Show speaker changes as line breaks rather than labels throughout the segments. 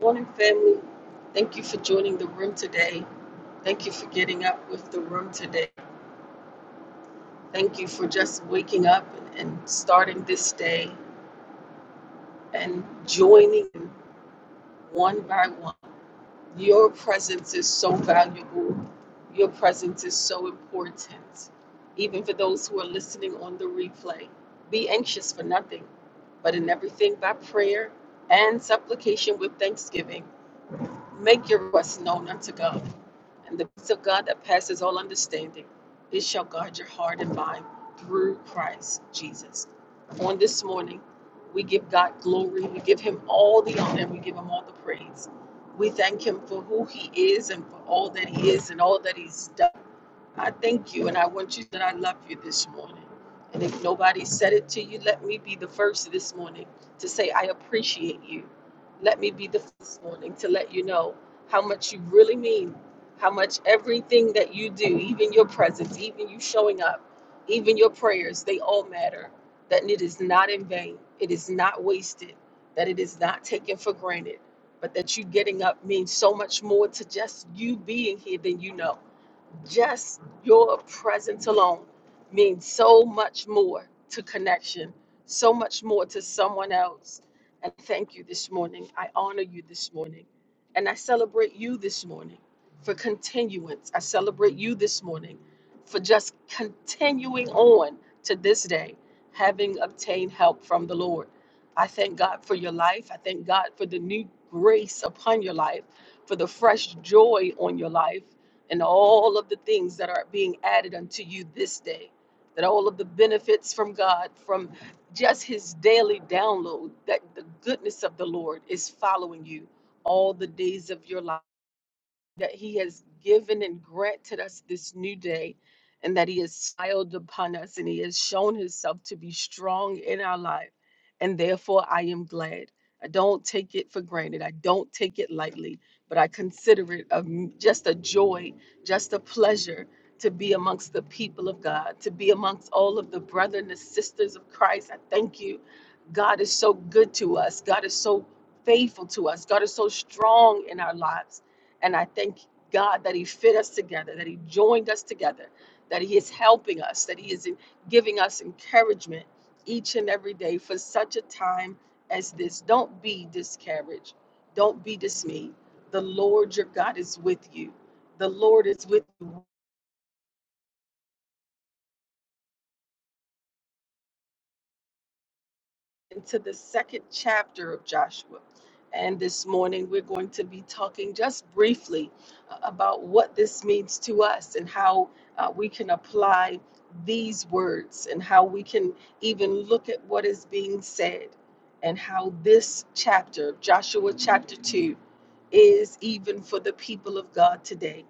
Morning, family. Thank you for joining the room today. Thank you for getting up with the room today. Thank you for just waking up and and starting this day and joining one by one. Your presence is so valuable. Your presence is so important. Even for those who are listening on the replay, be anxious for nothing, but in everything by prayer and supplication with thanksgiving, make your requests known unto God. And the peace of God that passes all understanding, it shall guard your heart and mind through Christ Jesus. On this morning, we give God glory, we give him all the honor, we give him all the praise. We thank him for who he is and for all that he is and all that he's done. I thank you and I want you that I love you this morning. And if nobody said it to you, let me be the first this morning to say, I appreciate you. Let me be the first this morning to let you know how much you really mean, how much everything that you do, even your presence, even you showing up, even your prayers, they all matter. That it is not in vain, it is not wasted, that it is not taken for granted, but that you getting up means so much more to just you being here than you know just your presence alone means so much more to connection, so much more to someone else. And thank you this morning. I honor you this morning. And I celebrate you this morning for continuance. I celebrate you this morning for just continuing on to this day, having obtained help from the Lord. I thank God for your life. I thank God for the new grace upon your life, for the fresh joy on your life and all of the things that are being added unto you this day. That all of the benefits from God, from just His daily download, that the goodness of the Lord is following you all the days of your life that he has given and granted us this new day and that he has smiled upon us and he has shown himself to be strong in our life and therefore i am glad i don't take it for granted i don't take it lightly but i consider it a, just a joy just a pleasure to be amongst the people of god to be amongst all of the brothers and the sisters of christ i thank you god is so good to us god is so faithful to us god is so strong in our lives and I thank God that He fit us together, that He joined us together, that He is helping us, that He is giving us encouragement each and every day for such a time as this. Don't be discouraged. Don't be dismayed. The Lord your God is with you. The Lord is with you into the second chapter of Joshua. And this morning, we're going to be talking just briefly uh, about what this means to us and how uh, we can apply these words and how we can even look at what is being said and how this chapter, Joshua chapter 2, is even for the people of God today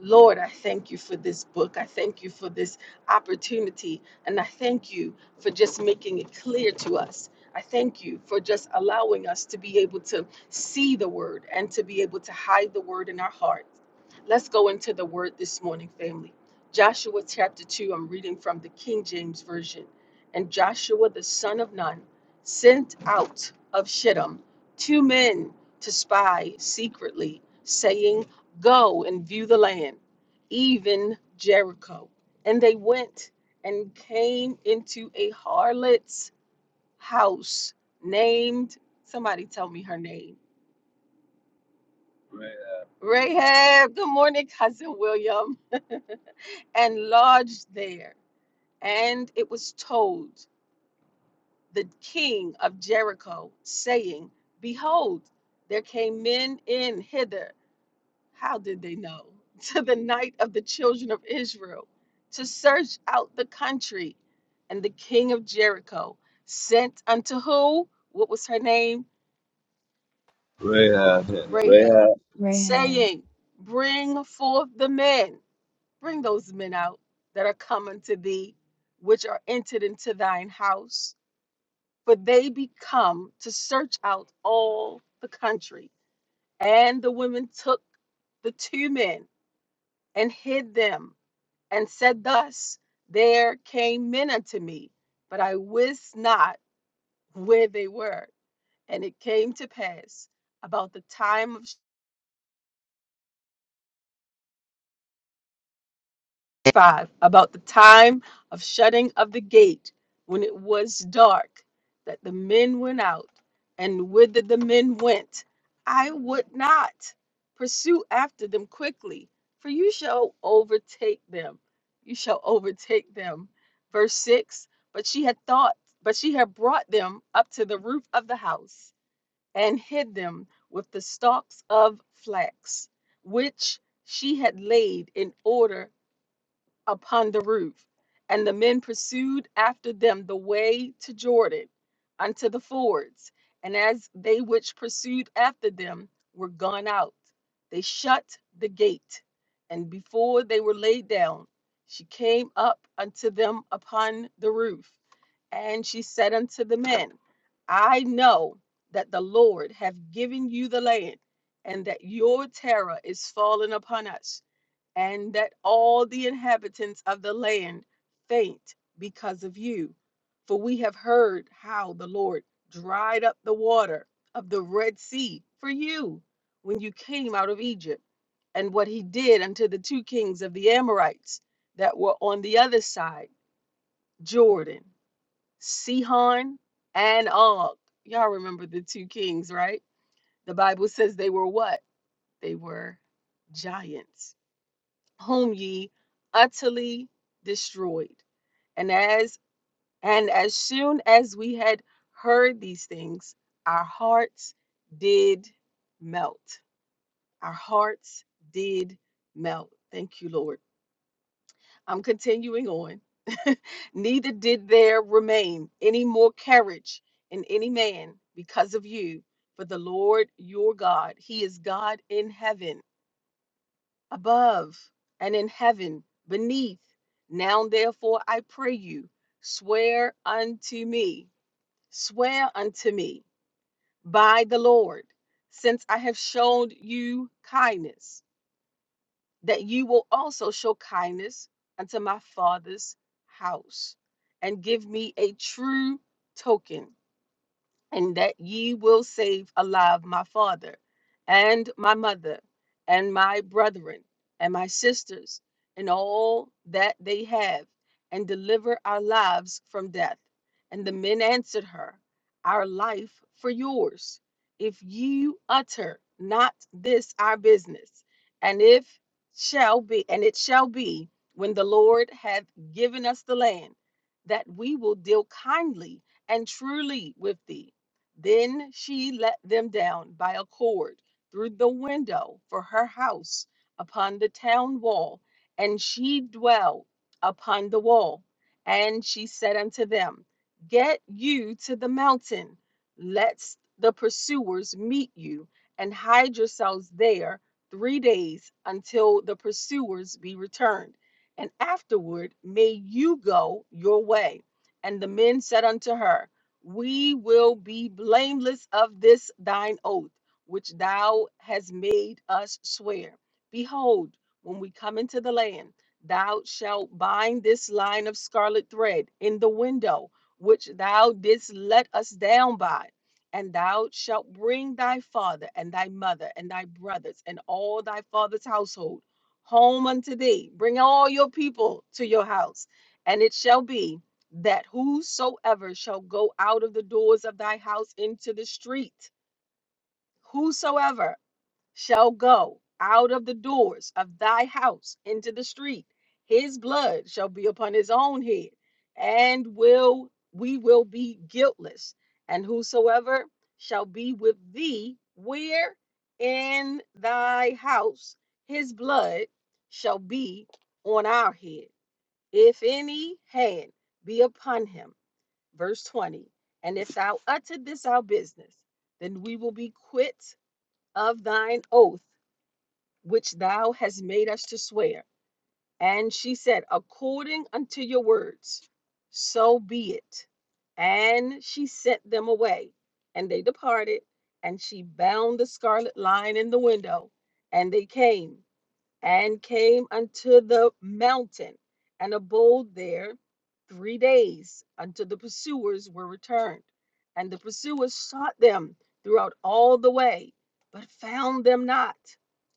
Lord, I thank you for this book. I thank you for this opportunity. And I thank you for just making it clear to us. I thank you for just allowing us to be able to see the word and to be able to hide the word in our hearts. Let's go into the word this morning, family. Joshua chapter 2, I'm reading from the King James Version. And Joshua the son of Nun sent out of Shittim two men to spy secretly, saying, Go and view the land, even Jericho. And they went and came into a harlot's house named, somebody tell me her name. Rahab. Rahab. Good morning, cousin William. And lodged there. And it was told the king of Jericho, saying, Behold, there came men in hither How did they know? To the night of the children of Israel, to search out the country. And the king of Jericho sent unto who? What was her name?
Rahab,
Rahab,
Rahab,
Red.
saying, Bring forth the men, bring those men out that are coming to thee, which are entered into thine house. For they be come to search out all the country. And the women took the two men and hid them and said thus, There came men unto me, but I wist not where they were. And it came to pass about the time of 5 about the time of shutting of the gate when it was dark that the men went out and whither the men went i would not pursue after them quickly for you shall overtake them you shall overtake them verse 6 but she had thought but she had brought them up to the roof of the house and hid them with the stalks of flax which she had laid in order upon the roof. And the men pursued after them the way to Jordan unto the fords. And as they which pursued after them were gone out, they shut the gate. And before they were laid down, she came up unto them upon the roof. And she said unto the men, I know that the Lord hath given you the land, and that your terror is fallen upon us and that all the inhabitants of the land faint because of you. For we have heard how the Lord dried up the water of the Red Sea for you when you came out of Egypt, and what he did unto the two kings of the Amorites that were on the other side, Jordan, Sihon and Og. Y'all remember the two kings, right? The Bible says they were what? They were giants whom ye utterly destroyed. And as and as soon as we had heard these things, our hearts did melt. Our hearts did melt. Thank you, Lord. I'm continuing on. Neither did there remain any more carriage in any man because of you. For the Lord your God, He is God in heaven above and in heaven beneath. Now, therefore, I pray you, swear unto me, swear unto me by the Lord, since I have shown you kindness, that you will also show kindness unto my father's house and give me a true token and that ye will save alive my father and my mother and my brethren and my sisters and all that they have and deliver our lives from death and the men answered her our life for yours if you utter not this our business and if shall be and it shall be when the lord hath given us the land that we will deal kindly and truly with thee then she let them down by a cord through the window for her house upon the town wall, and she dwelt upon the wall. And she said unto them, Get you to the mountain, let the pursuers meet you, and hide yourselves there three days until the pursuers be returned. And afterward may you go your way. And the men said unto her, we will be blameless of this thine oath, which thou hast made us swear. Behold, when we come into the land, thou shalt bind this line of scarlet thread in the window, which thou didst let us down by. And thou shalt bring thy father and thy mother and thy brothers and all thy father's household home unto thee. Bring all your people to your house. And it shall be that whosoever shall go out of the doors of thy house into the street, whosoever shall go out of the doors of thy house into the street, his blood shall be upon his own head, and will we will be guiltless. And whosoever shall be with thee where in thy house, his blood shall be on our head. If any hand be upon him, verse 20 and if thou utter this our business then we will be quit of thine oath which thou hast made us to swear and she said according unto your words so be it and she sent them away and they departed and she bound the scarlet line in the window and they came and came unto the mountain and abode there three days until the pursuers were returned. And the pursuers sought them throughout all the way, but found them not.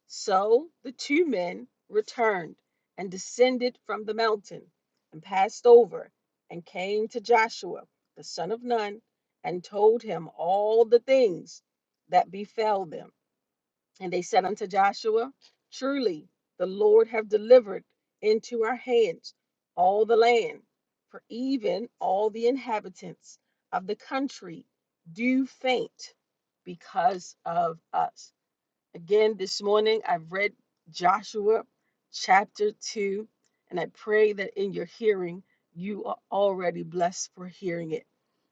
So the two men returned and descended from the mountain and passed over and came to Joshua, the son of Nun, and told him all the things that befell them. And they said unto Joshua, Truly the Lord have delivered into our hands all the land, for even all the inhabitants of the country do faint because of us. Again, this morning I've read Joshua chapter 2, and I pray that in your hearing, you are already blessed for hearing it.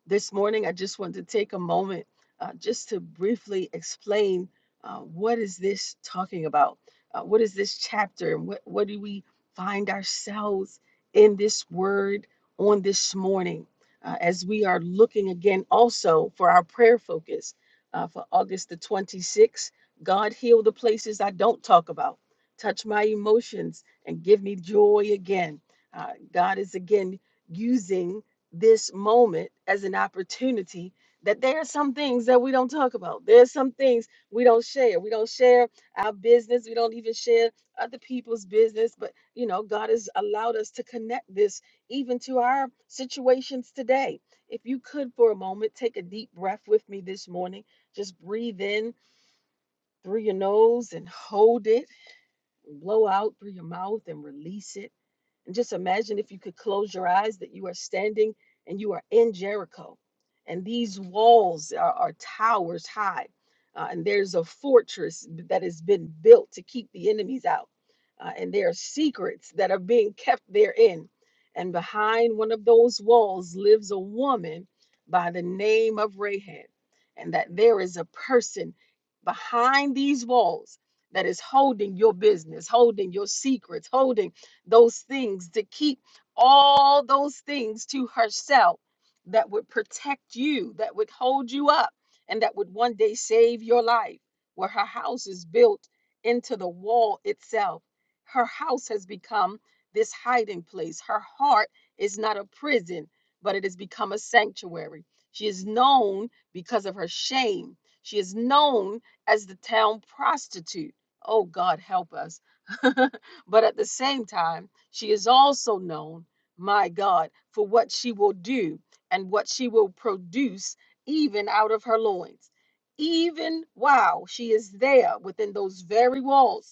This morning, I just want to take a moment uh, just to briefly explain uh, what is this talking about? Uh, what is this chapter? And what, what do we find ourselves in this word on this morning? Uh, as we are looking again also for our prayer focus uh, for August the 26th God, heal the places I don't talk about. Touch my emotions and give me joy again. Uh, God is again using this moment as an opportunity that there are some things that we don't talk about. There are some things we don't share. We don't share our business. We don't even share other people's business. But, you know, God has allowed us to connect this even to our situations today. If you could, for a moment, take a deep breath with me this morning. Just breathe in through your nose and hold it blow out through your mouth and release it. And just imagine if you could close your eyes that you are standing and you are in Jericho. And these walls are, are towers high. uh, and there's a fortress that has been built to keep the enemies out. uh, and there are secrets that are being kept therein. And behind one of those walls lives a woman by the name of Rahab. And that there is a person behind these walls that is holding your business, holding your secrets, holding those things to keep all those things to herself that would protect you, that would hold you up, and that would one day save your life. Where her house is built into the wall itself, her house has become this hiding place. Her heart is not a prison, but it has become a sanctuary. She is known because of her shame. She is known as the town prostitute Oh God, help us. but at the same time, she is also known, my God, for what she will do and what she will produce even out of her loins. Even while she is there within those very walls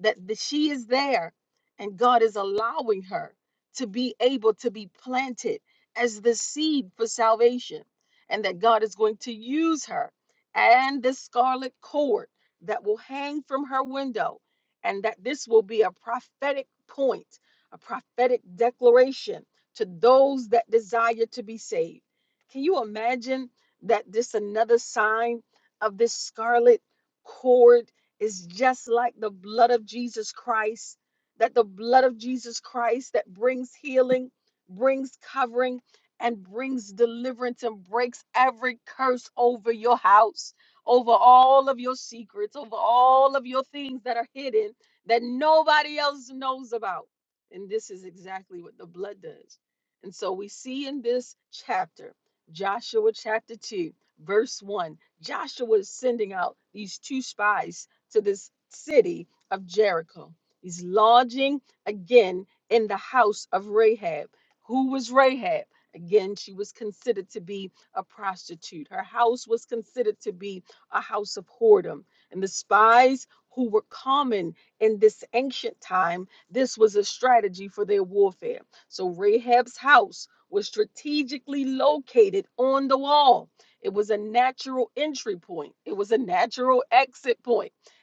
that, that she is there and God is allowing her to be able to be planted as the seed for salvation, and that God is going to use her and the scarlet cord that will hang from her window, and that this will be a prophetic point, a prophetic declaration to those that desire to be saved. Can you imagine that this another sign of this scarlet cord? is just like the blood of Jesus Christ, that the blood of Jesus Christ that brings healing, brings covering, and brings deliverance and breaks every curse over your house, over all of your secrets, over all of your things that are hidden that nobody else knows about. And this is exactly what the blood does. And so we see in this chapter, Joshua chapter 2, verse 1, Joshua is sending out these two spies to this city of Jericho. He's lodging again in the house of Rahab. Who was Rahab? Again, she was considered to be a prostitute. Her house was considered to be a house of whoredom. And the spies who were common in this ancient time, this was a strategy for their warfare. So Rahab's house was strategically located on the wall. It was a natural entry point, it was a natural exit point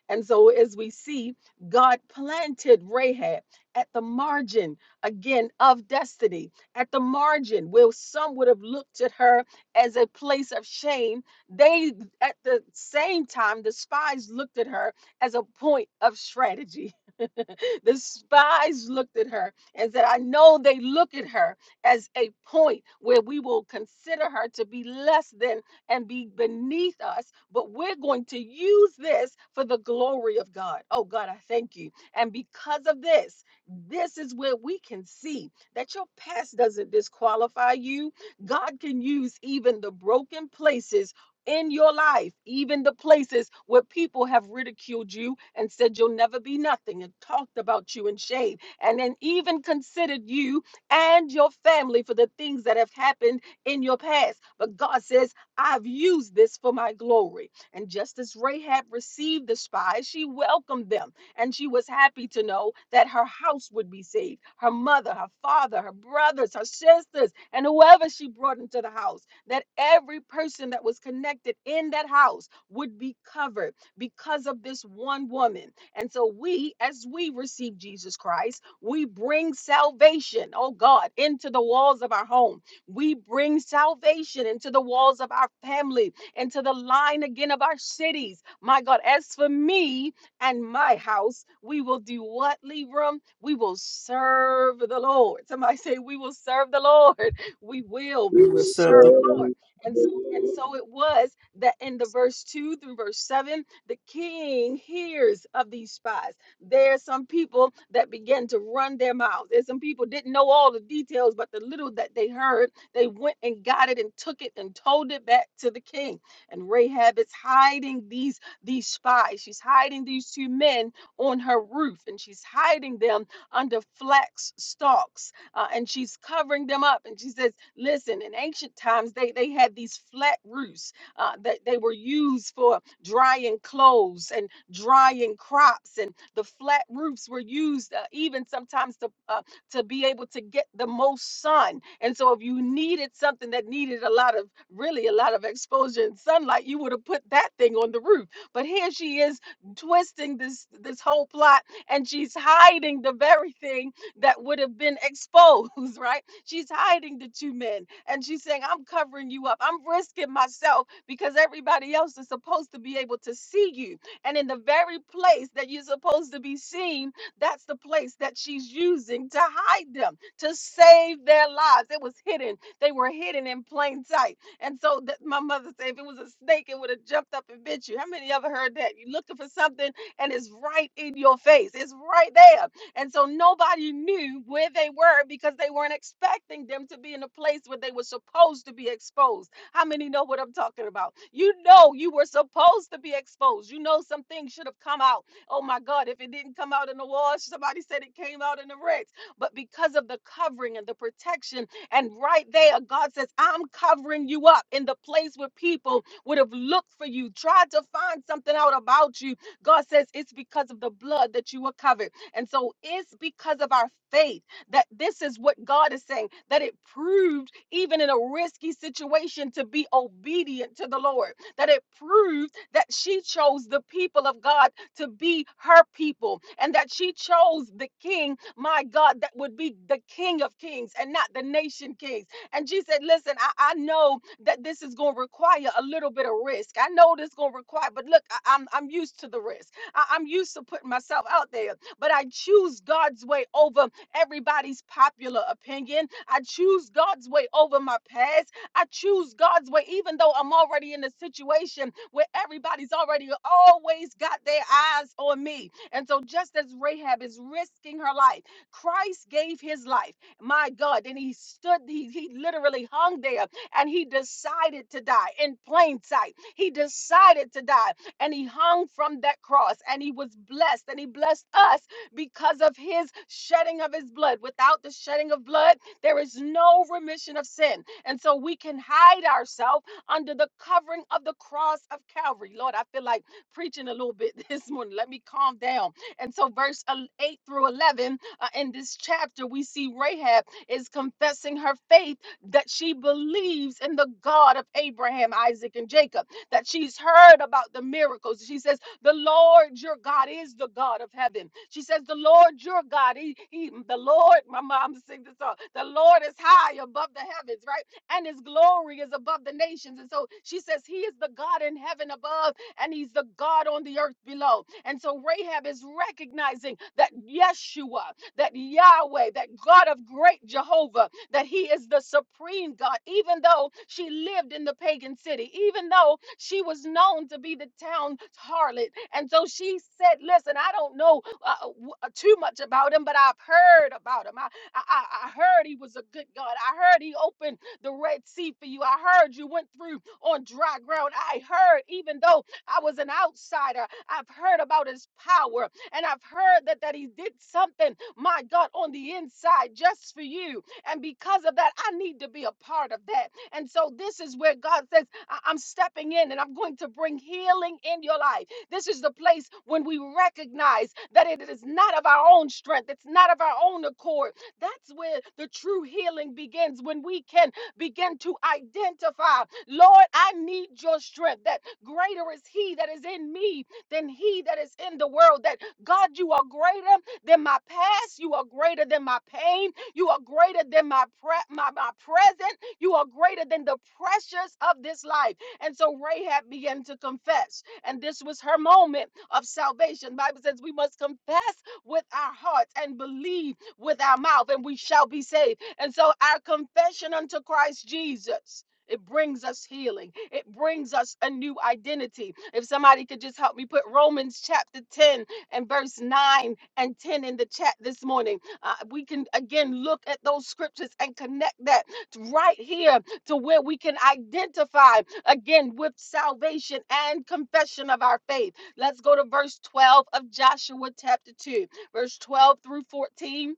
and so, as we see, God planted Rahab at the margin again of destiny, at the margin where some would have looked at her as a place of shame. They, at the same time, the spies looked at her as a point of strategy. the spies looked at her and said, I know they look at her as a point where we will consider her to be less than and be beneath us, but we're going to use this for the glory of God. Oh, God, I thank you. And because of this, this is where we can see that your past doesn't disqualify you. God can use even the broken places. In your life, even the places where people have ridiculed you and said you'll never be nothing and talked about you in shame, and then even considered you and your family for the things that have happened in your past. But God says, I've used this for my glory. And just as Rahab received the spies, she welcomed them and she was happy to know that her house would be saved her mother, her father, her brothers, her sisters, and whoever she brought into the house. That every person that was connected in that house would be covered because of this one woman. And so we, as we receive Jesus Christ, we bring salvation, oh God, into the walls of our home we bring salvation into the walls of our family, into the line again of our cities. My God, as for me and my house, we will do what, Libram? We will serve the Lord. Somebody say, We will serve the Lord. We will
we will
What's up,
serve
the
the Lord.
serve
And so,
the
and
Lord.
so it was that in the verse 2 through verse 7, the king hears of these spies. There are some people that began to run their mouths. There's some people didn't know all the details, but the little that they heard, they went and got it and took it and told it back to the king. And Rahab is hiding these these spies. She's hiding these two men on her roof, and she's hiding them under flax stalks, uh, and she's covering them up. And she says, "Listen, in ancient times, they they had these flat roofs uh, that they were used for drying clothes and drying crops, and the flat roofs were used uh, even sometimes to uh, to be able to get the most sun. And so if you needed something that needed a lot of really a lot of exposure and sunlight, you would have put that thing on the roof. But here she is twisting this this whole plot and she's hiding the very thing that would have been exposed, right? She's hiding the two men and she's saying, I'm covering you up. I'm risking myself because everybody else is supposed to be able to see you. And in the very place that you're supposed to be seen, that's the place that she's using to hide them, to save their lives. It was hidden. They were hidden in plain sight. And so that my mother said, if it was a snake, it would have jumped up and bit you. How many of you ever heard that? You're looking for something and it's right in your face. It's right there. And so nobody knew where they were because they weren't expecting them to be in a place where they were supposed to be exposed. How many know what I'm talking about? You know you were supposed to be exposed. You know some things should have come out Oh my God, if it didn't come out in the wash, somebody said it came out in the wrecks. But because of the covering and the protection, and right there, God says, I'm covering you up in the place where people would have looked for you, tried to find something out about you. God says, It's because of the blood that you were covered. And so it's because of our faith that this is what God is saying, that it proved, even in a risky situation, to be obedient to the Lord, that it proved that she chose the people of God to be her people and that she chose the king, my God, that would be the king of kings and not the nation kings. And she said, Listen, I, I know that this is going to require a little bit of risk. I know this is going to require, but look, I, I'm, I'm used to the risk. I, I'm used to putting myself out there, but I choose God's way over everybody's popular opinion. I choose God's way over my past. I choose God's way, even though I'm already in a situation where everybody's already always got their eyes on me. And so, just as Rahab is risking her life, Christ gave his life. My God. And he stood, he, he literally hung there and he decided to die in plain sight. He decided to die and he hung from that cross and he was blessed and he blessed us because of his shedding of his blood. Without the shedding of blood, there is no remission of sin. And so we can hide ourselves under the covering of the cross of Calvary. Lord, I feel like preaching a little bit this morning. Let me calm down. And so, verse el- 8 through 11 uh, in this chapter, we see Rahab is confessing her faith that she believes in the God of Abraham, Isaac, and Jacob, that she's heard about the miracles. She says, The Lord your God is the God of heaven. She says, The Lord your God, he, he, the Lord, my mom sings this song, the Lord is high above the heavens, right? and his glory is above the nations. And so she says, He is the God in heaven above, and He's the God on the earth below. And so Rahab is recognizing that Yeshua, that Yahweh, that God of great Jehovah, that He is the supreme God, even though she lived in the pagan city, even though she was known to be the town harlot. And so she said, Listen, I don't know uh, w- uh, too much about Him, but I've heard about Him. I, I, I I heard He was a good God. I heard He opened the Red Sea for you. I heard you went through on dry ground. I heard, even though I was an outsider, I've heard about his power and I've heard that, that he did something, my God, on the inside just for you. And because of that, I need to be a part of that. And so this is where God says, "I- I'm stepping in and I'm going to bring healing in your life. This is the place when we recognize that it is not of our own strength, it's not of our own accord. That's where the true healing begins when we can begin to identify. Lord, I need your strength that greater is he that is in me than he that is in the world. That God, you are greater than my past. You are greater than my pain. You are greater than my, pre- my, my present. You are greater than the pressures of this life. And so Rahab began to confess. And this was her moment of salvation. The Bible says we must confess with our hearts and believe with our mouth, and we shall be saved. And so our confession unto Christ Jesus. It brings us healing. It brings us a new identity. If somebody could just help me put Romans chapter 10 and verse 9 and 10 in the chat this morning, uh, we can again look at those scriptures and connect that to right here to where we can identify again with salvation and confession of our faith. Let's go to verse 12 of Joshua chapter 2, verse 12 through 14.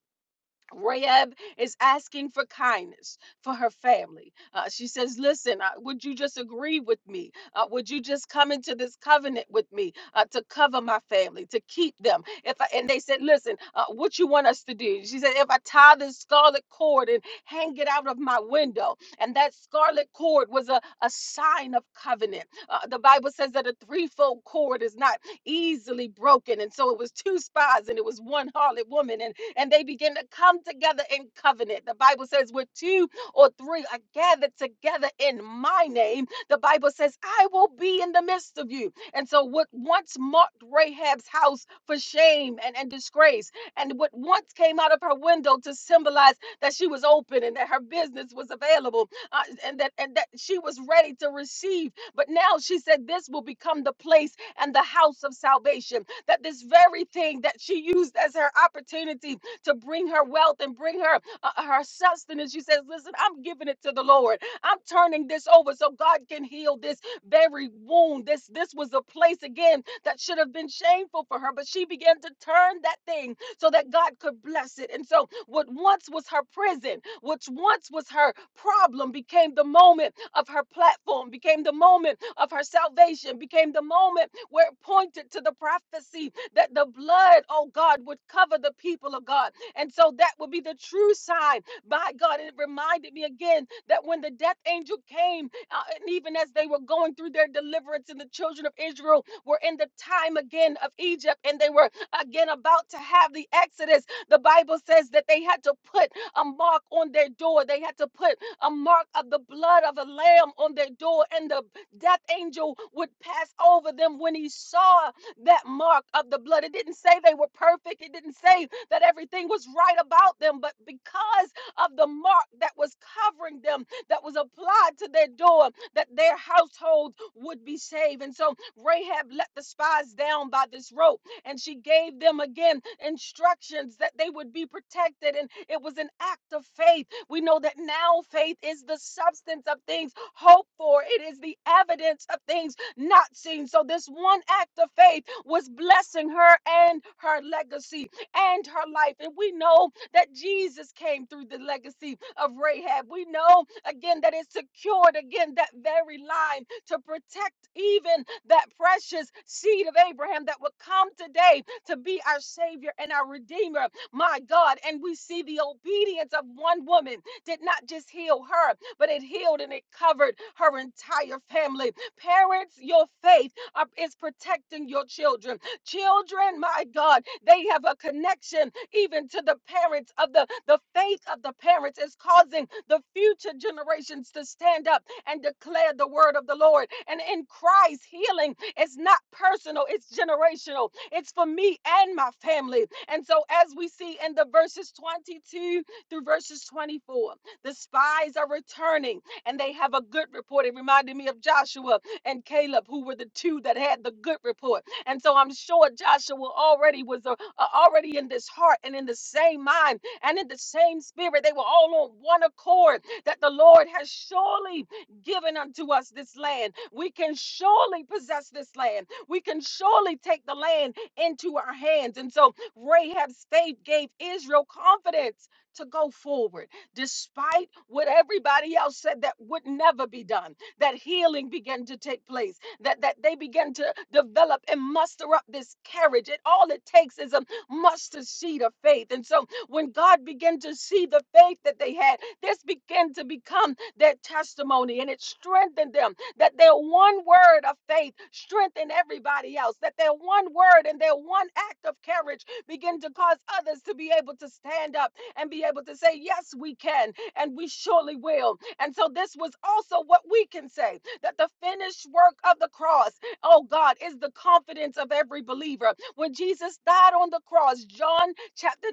Rahab is asking for kindness for her family. Uh, she says, Listen, uh, would you just agree with me? Uh, would you just come into this covenant with me uh, to cover my family, to keep them? If I, And they said, Listen, uh, what you want us to do? She said, If I tie this scarlet cord and hang it out of my window. And that scarlet cord was a, a sign of covenant. Uh, the Bible says that a threefold cord is not easily broken. And so it was two spies and it was one harlot woman. And and they begin to come together in covenant. The Bible says, where two or three are gathered together in my name, the Bible says, I will be in the midst of you. And so, what once marked Rahab's house for shame and, and disgrace, and what once came out of her window to symbolize that she was open and that her business was available uh, and, that, and that she was ready to receive. But now she said, This will become the place and the house of salvation. That this very thing that she used as her opportunity to bring her wealth and bring her uh, her sustenance. She says, "Listen, I'm giving it to the Lord. I'm turning this over so God can heal this very wound. This this was a place again that should have been shameful for her, but she began to turn that thing so that God could bless it. And so, what once was her prison, which once was her problem, became the moment of her platform, became the moment of her salvation, became the moment where it pointed to the prophecy that the blood, oh God, would cover the people of God and so that would be the true sign. By God, it reminded me again that when the death angel came, uh, and even as they were going through their deliverance, and the children of Israel were in the time again of Egypt, and they were again about to have the Exodus, the Bible says that they had to put a mark on their door. They had to put a mark of the blood of a lamb on their door, and the death angel would pass over them when he saw that mark of the blood. It didn't say they were perfect, it didn't say that everything was right about them, but because of the mark that was covering them, that was applied to their door, that their household would be saved. And so Rahab let the spies down by this rope and she gave them again instructions that they would be protected. And it was an act of faith. We know that now faith is the substance of things hoped for, it is the evidence of things not seen. So this one act of faith was blessing her and her legacy and her life. And we know that Jesus came through the legacy of Rahab. We know again that it secured again that very line to protect even that precious seed of Abraham that would come today to be our Savior and our Redeemer. My God. And we see the obedience of one woman did not just heal her, but it healed and it covered her entire family. Parents, your faith are, is protecting your children. Children, my God, they have a connection even to the parents of the, the faith of the parents is causing the future generations to stand up and declare the word of the Lord. And in Christ, healing is not personal, it's generational. It's for me and my family. And so as we see in the verses 22 through verses 24, the spies are returning and they have a good report. It reminded me of Joshua and Caleb, who were the two that had the good report. And so I'm sure Joshua already was uh, uh, already in this heart and in the same mind and in the same spirit. They were all on one accord that the Lord has surely given unto us this land. We can surely possess this land. We can surely take the land into our hands. And so Rahab's faith gave Israel confidence to go forward despite what everybody else said that would never be done that healing began to take place, that, that they began to develop and muster up this courage. It all it takes is a mustard seed of faith. And so when God began to see the faith that they had, this began to become their testimony and it strengthened them that their one word of faith strengthened everybody else, that their one word and their one act of courage begin to cause others to be able to stand up and be able to say, Yes, we can, and we surely will. And so this was also what we can say that the finished work of the cross, oh God, is the confidence of every believer. When Jesus died on the cross, John chapter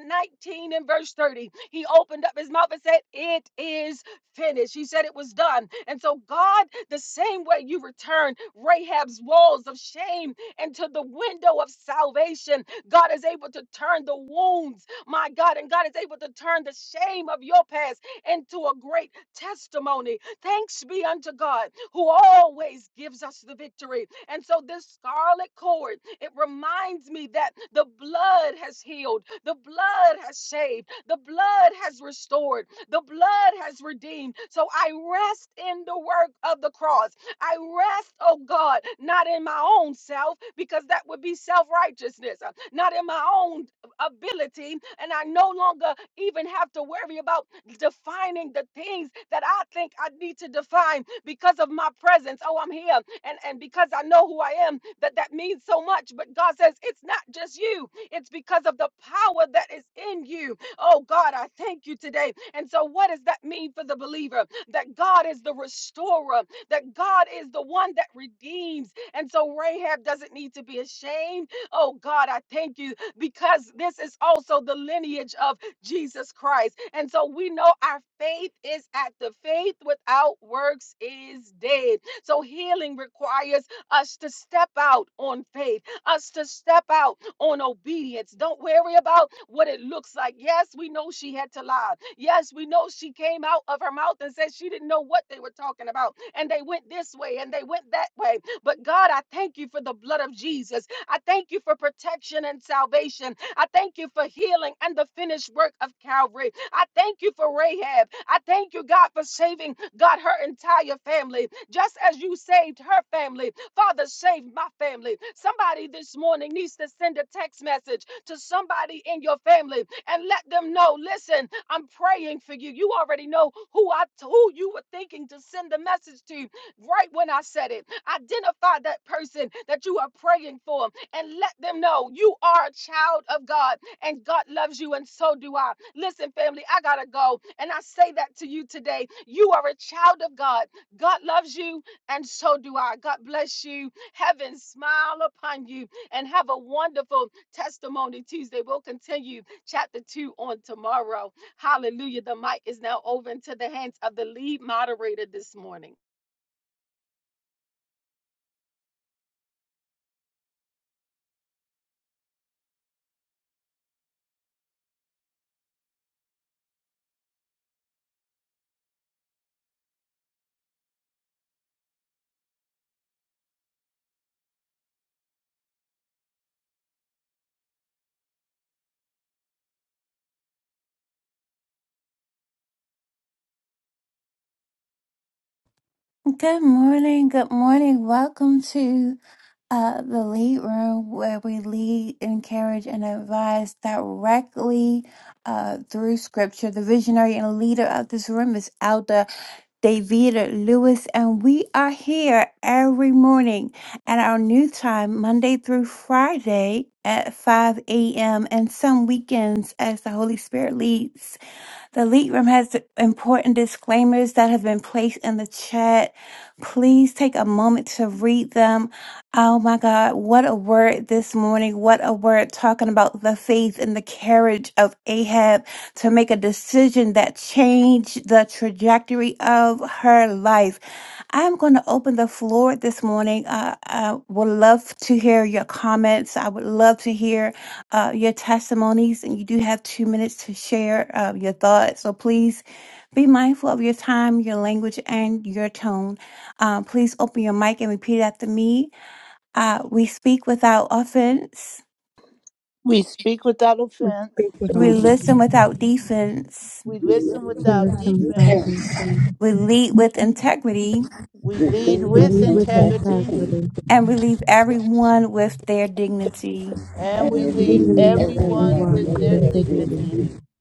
19 and verse 30, he opened up his mouth and said, It is finished. He said it was done. And so, God, the same way you return Rahab's walls of shame into the window of salvation, God is able to turn the wounds, my God, and God is able to turn the shame of your past into a great testimony. Thanks be unto God who always gives us the victory. And so this scarlet cord, it reminds me that the blood has healed, the blood has saved, the blood has restored, the blood has redeemed. So I rest in the work of the cross. I rest, oh God, not in my own self, because that would be self righteousness, not in my own ability, and I no longer even have to worry about defining the things that I think I need to define because of my presence. Oh, I'm here, and and because I know who I am, that that means so much. But God says it's not just you; it's because of the power that is in you. Oh God, I thank you today. And so, what does that mean for the believer? That God is the restorer, that God is the one that redeems. And so, Rahab doesn't need to be ashamed. Oh God, I thank you because this is also the lineage of Jesus Christ. And so we know our faith is active. Faith without works is dead. So healing requires us to step out on faith, us to step out on obedience. Don't worry about what it looks like. Yes, we know she had to lie. Yes, we know she came out of her mouth and said she didn't know what they were talking about. And they went this way and they went that way. But God, I thank you for the blood of Jesus I thank you for protection and salvation. I thank you for healing and the finished work of Calvary. I thank you for Rahab. I thank you, God, for saving, God, her entire family. Just as you saved her family, Father, save my family. Somebody this morning needs to send a text message to somebody in your family and let them know, listen, I'm praying for you. You already know who I who you were thinking to send the message to right when I said it. Identify that person that you are praying for and let them know you are a child of God and God loves you, and so do I. Listen, family, I gotta go, and I say that to you today. You are a child of God. God loves you, and so do I. God bless you. Heaven smile upon you, and have a wonderful testimony Tuesday. We'll continue chapter two on tomorrow. Hallelujah. The mic is now over into the hands of the lead moderator this morning.
Good morning. Good morning. Welcome to uh, the lead room where we lead, encourage, and advise directly uh, through scripture. The visionary and leader of this room is Elder Davida Lewis, and we are here every morning at our new time, Monday through Friday at 5 a.m., and some weekends as the Holy Spirit leads. The lead room has important disclaimers that have been placed in the chat. Please take a moment to read them. Oh my God, what a word this morning. What a word talking about the faith and the courage of Ahab to make a decision that changed the trajectory of her life. I'm going to open the floor this morning. Uh, I would love to hear your comments. I would love to hear uh, your testimonies, and you do have two minutes to share uh, your thoughts. So please be mindful of your time, your language, and your tone. Um, please open your mic and repeat after me. Uh, we speak without offense,
We speak without
And
offense.
Speaking
we
of,
listen without defense,
We listen
he
without
listens with
defense.
attention.
we lead with integrity,
We lead
He
Give
with
leads with
thanks
integrity.
integrity.
and we leave everyone with their dignity.
And
and
we
He
leave
redeem
leaves
everyone
everyone
everyone
with
with
with
their
their
their
dignity.
dignity.
dignity.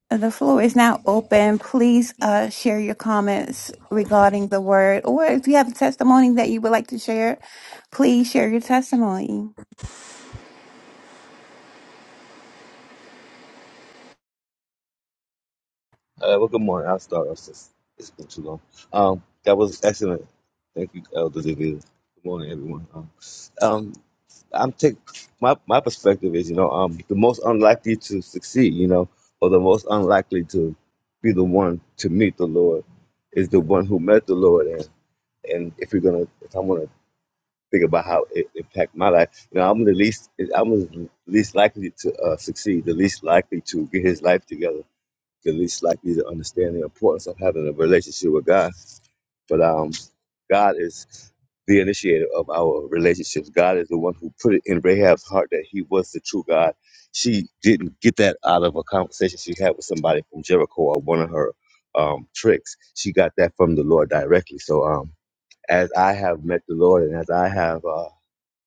The floor is now open. Please uh, share your comments regarding the word, or if you have a testimony that you would like to share, please share your testimony.
Uh, well, good morning. I'll start. It's, just, it's been too long. Um, that was excellent. Thank you, Elder David. Good morning, everyone. Um, um, I'm take my my perspective is, you know, um, the most unlikely to succeed, you know, or the most unlikely to be the one to meet the Lord is the one who met the Lord, and and if you're gonna, if I'm gonna think about how it impacted my life. You know, I'm the least, I'm the least likely to uh, succeed, the least likely to get his life together, the least likely to understand the importance of having a relationship with God. But um, God is the initiator of our relationships. God is the one who put it in Rahab's heart that he was the true God. She didn't get that out of a conversation she had with somebody from Jericho or one of her um, tricks. She got that from the Lord directly. So um, as I have met the Lord and as I have. Uh,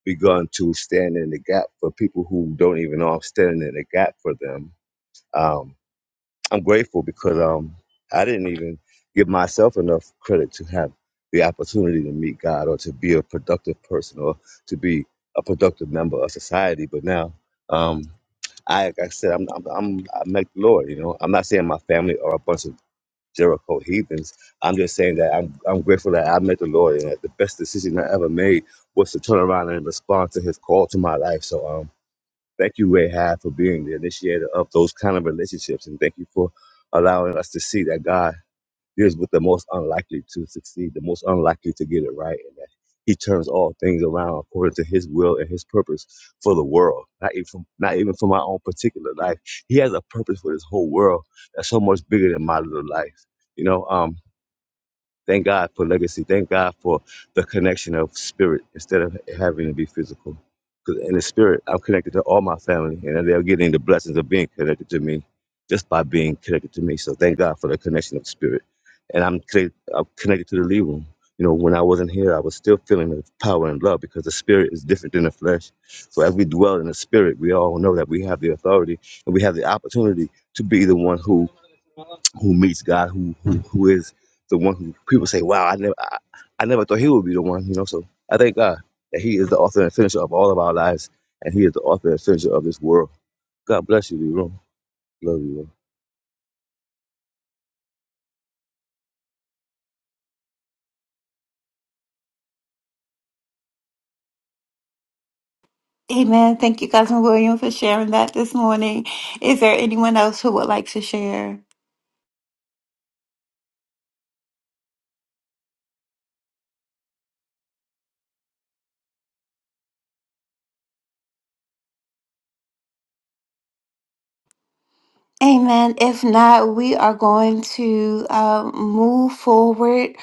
begun to stand in the gap for people who don't even know I'm standing in the gap for them. Um, I'm grateful because um, I didn't even give myself enough credit to have the opportunity to meet God or to be a productive person or to be a productive member of society. But now, um, I, like I said, I'm, I'm, I'm, I'm like the Lord, you know. I'm not saying my family are a bunch of Jericho heathens. I'm just saying that I'm, I'm grateful that I met the Lord and that the best decision I ever made was to turn around and respond to his call to my life. So um, thank you, Ray High, for being the initiator of those kind of relationships. And thank you for allowing us to see that God deals with the most unlikely to succeed, the most unlikely to get it right, and that he turns all things around according to his will and his purpose for the world. Not even from, not even for my own particular life. He has a purpose for this whole world that's so much bigger than my little life. You know, um, Thank God for legacy. Thank God for the connection of spirit instead of having to be physical. Because in the spirit, I'm connected to all my family, and they're getting the blessings of being connected to me just by being connected to me. So thank God for the connection of spirit. And I'm, connect- I'm connected to the lead room. You know, when I wasn't here, I was still feeling the power and love because the spirit is different than the flesh. So as we dwell in the spirit, we all know that we have the authority and we have the opportunity to be the one who who meets God, who who, who is the one who people say, "Wow, I never, I, I never thought he would be the one." You know, so I thank God that He is the author and finisher of all of our lives, and He is the author and finisher of this world. God bless you, Leroy. Love you. Lord.
Amen. Thank you, Cousin William, for sharing that this morning. Is there anyone else who would like to share? Amen. If not, we are going to uh, move forward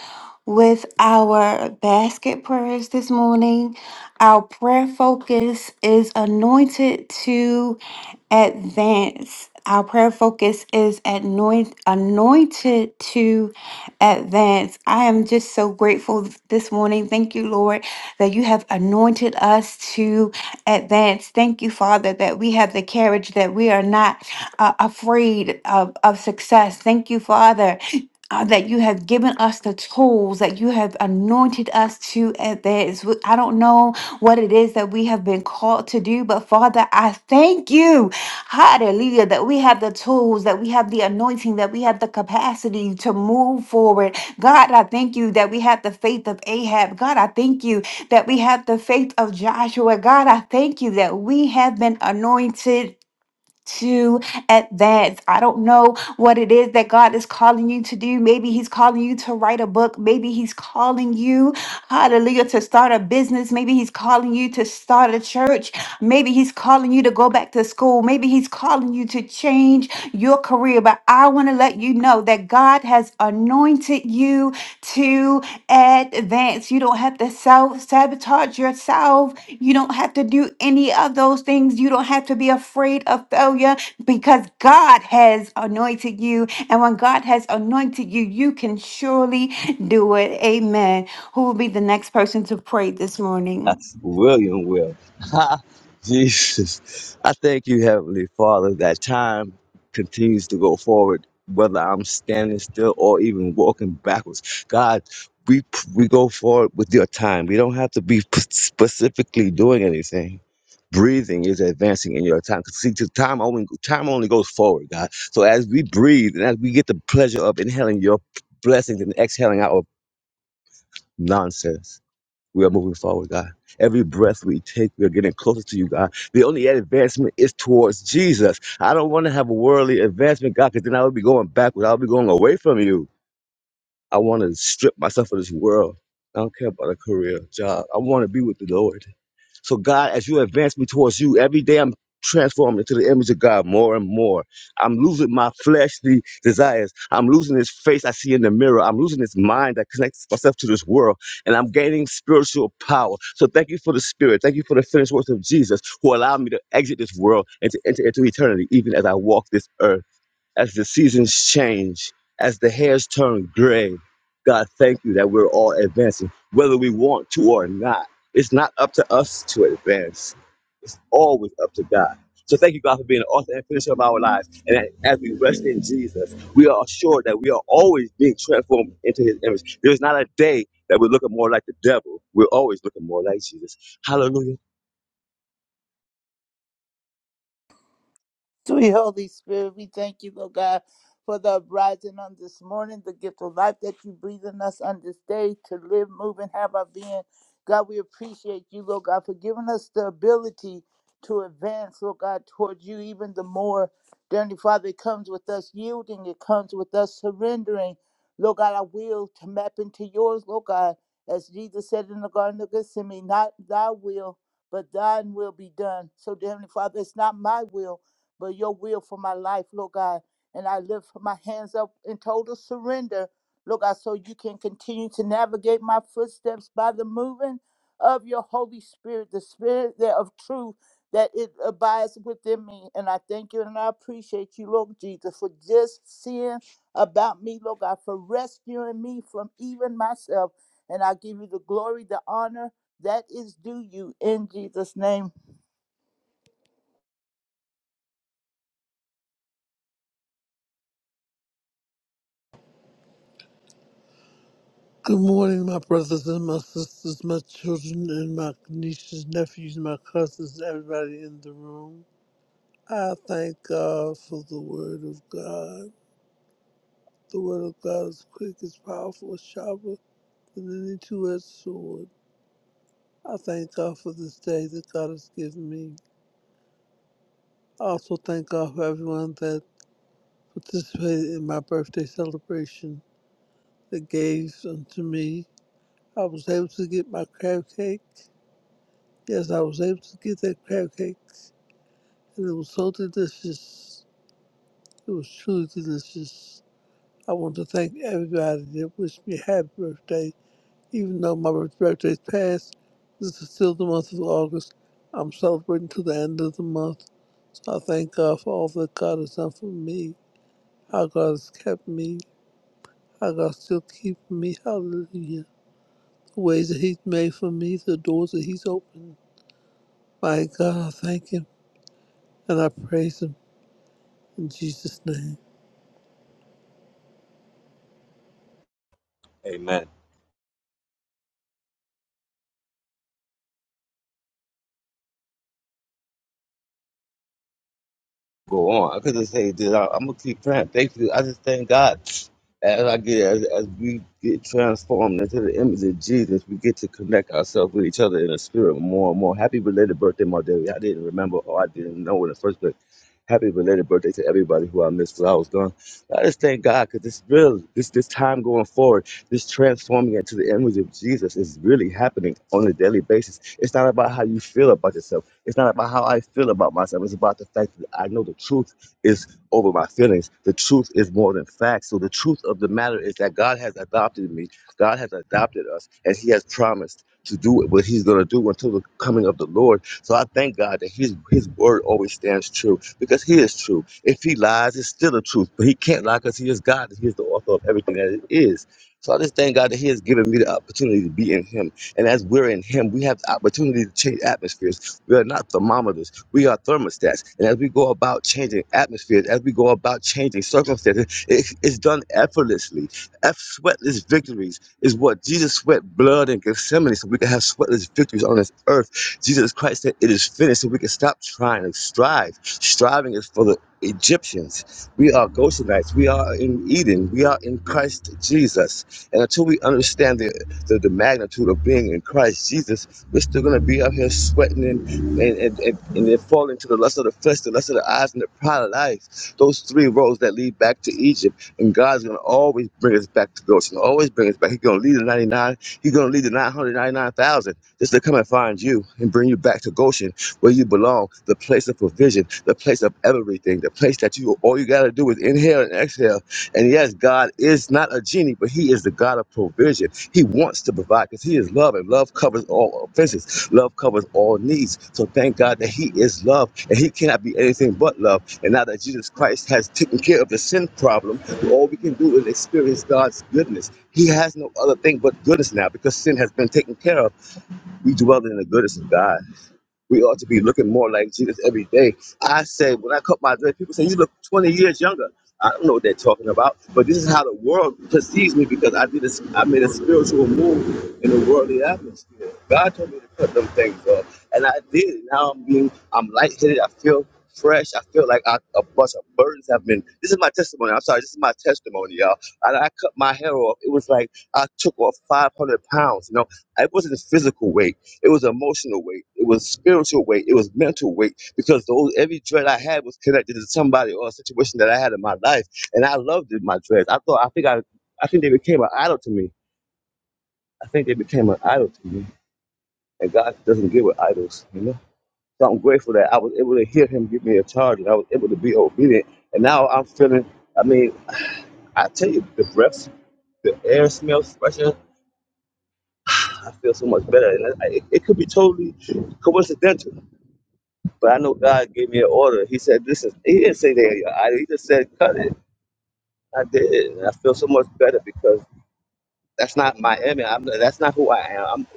with our basket prayers this morning. Our prayer focus is anointed to advance. Our prayer focus is anoint, anointed to advance. I am just so grateful this morning. Thank you, Lord, that you have anointed us to advance. Thank you, Father, that we have the carriage that we are not uh, afraid of, of success. Thank you, Father. uh, that you have given us the tools that you have anointed us to advance. We- I don't know what it is that we have been called to do, but Father, I thank you, hallelujah, that we have the tools, that we have the anointing, that we have the capacity to move forward. God, I thank you that we have the faith of Ahab. God, I thank you that we have the faith of Joshua. God, I thank you that we have been anointed to advance. I don't know what it is that God is calling you to do. Maybe He's calling you to write a book. Maybe He's calling you, hallelujah, to start a business. Maybe He's calling you to start a church. Maybe He's calling you to go back to school. Maybe He's calling you to change your career. But I want to let you know that God has anointed you to advance. You don't have to self sabotage yourself you don't have to do any of those things. You don't have to be afraid of failure because God has anointed you. And when God has anointed you, you can surely do it. Amen. Who will be the next person to pray this morning?
William will. Jesus, I thank you, Heavenly Father, that time continues to go forward, whether I'm standing still or even walking backwards. God, we we go forward with your time. We don't have to be p- specifically doing anything. Breathing is advancing in your time. 'Cause See, to time only time only goes forward, God. So as we breathe and as we get the pleasure of inhaling your blessings and exhaling out of nonsense. We are moving forward, God. Every breath we take, we are getting closer to you, God. The only advancement is towards Jesus. I don't want to have a worldly advancement, God, because then I would be going backwards. I would be going away from you. I want to strip myself of this world. I don't care about a career, job. I want to be with the Lord. So God, as you advance me towards you, every day I'm transformed into the image of God more and more. I'm losing my fleshly desires. I'm losing this face I see in the mirror. I'm losing this mind that connects myself to this world. And I'm gaining spiritual power. So thank you for the spirit. Thank you for the finished works of Jesus who allowed me to exit this world and to enter into eternity, even as I walk this earth as the seasons change, as the hairs turn gray. God, thank you that we're all advancing, whether we want to or not. It's not up to us to advance, it's always up to God. So thank you, God, for being the author and finisher of our lives. And as we rest in Jesus, we are assured that we are always being transformed into his image. There's not a day that we're looking more like the devil. We're always looking more like Jesus. Hallelujah.
Sweet Holy Spirit, we thank you, Lord God, for the uprising on this morning, the gift of life that you breathe in us on this day to live, move, and have our being. God, we appreciate you, Lord God, for giving us the ability to advance, Lord God, towards you even the more. Dearly Father, it comes with us yielding, it comes with us surrendering, Lord God, our will to map into yours, Lord God, as Jesus said in the Garden of Gethsemane, not thy will, but thine will be done. So, Dearly Father, it's not my will but your will for my life, Lord God. And I lift my hands up in total surrender, Lord God, so you can continue to navigate my footsteps by the moving of your Holy Spirit, the Spirit that of truth that it abides within me. And I thank you and I appreciate you, Lord Jesus, for just seeing about me, Lord God, for rescuing me from even myself. And I give you the glory, the honor that is due you in Jesus' name.
Good morning, my brothers and my sisters, my children and my nieces, nephews, my cousins, everybody in the room. I thank God for the Word of God. The Word of God is quick, is powerful, is sharper than any two-edged sword. I thank God for this day that God has given me. I also thank God for everyone that participated in my birthday celebration, that gave unto me. I was able to get my crab cake. Yes, I was able to get that crab cake and it was so delicious. It was truly delicious. I want to thank everybody that wished me a happy birthday. Even though my birth- birthday's passed, this is still the month of August. I'm celebrating to the end of the month. So I thank God for all that God has done for me, how God has kept me, how God's still keeping me. Hallelujah. The ways that He's made for me, the doors that He's opened. My God, I thank Him and I praise Him in Jesus' name.
Amen. go on. I could just say that I, I'm gonna keep praying. Thank you. I just thank God as I get as, as we get transformed into the image of Jesus, we get to connect ourselves with each other in the spirit more and more. Happy belated birthday, my dear. I didn't remember or I didn't know in the first place. Happy belated birthday to everybody who I missed because I was gone. I just thank God because this real, this this time going forward, this transforming into the image of Jesus is really happening on a daily basis. It's not about how you feel about yourself. It's not about how I feel about myself. It's about the fact that I know the truth is over my feelings. The truth is more than facts. So the truth of the matter is that God has adopted me. God has adopted us and He has promised to do what He's going to do until the coming of the Lord. So I thank God that His His word always stands true because He is true. If He lies, it's still the truth, but He can't lie because He is God. and He is the author of everything that it is. So I just thank God that He has given me the opportunity to be in Him, and as we're in Him, we have the opportunity to change atmospheres. We are not thermometers; we are thermostats. And as we go about changing atmospheres, as we go about changing circumstances, it, it's done effortlessly F sweatless victories is what Jesus sweat blood in Gethsemane so we can have sweatless victories on this earth. Jesus Christ said it is finished so we can stop trying and strive. Striving is for the Egyptians. We are Gosenites. We are in Eden. We are in Christ Jesus. And until we understand the the, the magnitude of being in Christ Jesus, we're still going to be out here sweating and and, and, and, and then falling to the lust of the flesh, the lust of the eyes, and the pride of life. Those three roads that lead back to Egypt. And God's going to always bring us back to Goshen, always bring us back. He's going to lead the 99, He's going to lead the 999,000 just to come and find you and bring you back to Goshen where you belong, the place of provision, the place of everything, the place that you all you got to do is inhale and exhale and yes, God is not a genie, but He is the God of provision. He wants to provide because He is love, and love covers all offenses. Love covers all needs. So thank God that He is love, and He cannot be anything but love. And now that Jesus Christ has taken care of the sin problem, all we can do is experience God's goodness. He has no other thing but goodness now because sin has been taken care of. We dwell in the goodness of God. We ought to be looking more like Jesus every day. I say, when I cut my dread, people say, you look 20 years younger. I don't know what they're talking about, but this is how the world perceives me because I did a, I made a spiritual move in the worldly atmosphere. God told me to cut them things off, and I did. Now I'm being, I'm lightheaded. I feel fresh. I feel like I, a bunch of burdens have been. This is my testimony. I'm sorry. This is my testimony, y'all. And I cut my hair off. It was like I took off 500 pounds. You know, it wasn't the physical weight. It was emotional weight. It was spiritual weight. It was mental weight because those every dread I had was connected to somebody or a situation that I had in my life, and I loved it, my dreads. I thought I think I I think they became an idol to me. I think they became an idol to me, and God doesn't give with idols, you know. So I'm grateful that I was able to hear Him give me a charge, and I was able to be obedient. And now I'm feeling. I mean, I tell you, the breath, the air smells fresher. I feel so much better, and I, it, it could be totally coincidental. But I know God gave me an order. He said, "This is." He didn't say that. I, he just said, "Cut it." I did, and I feel so much better because that's not my image. I'm, that's not who I am. I'm,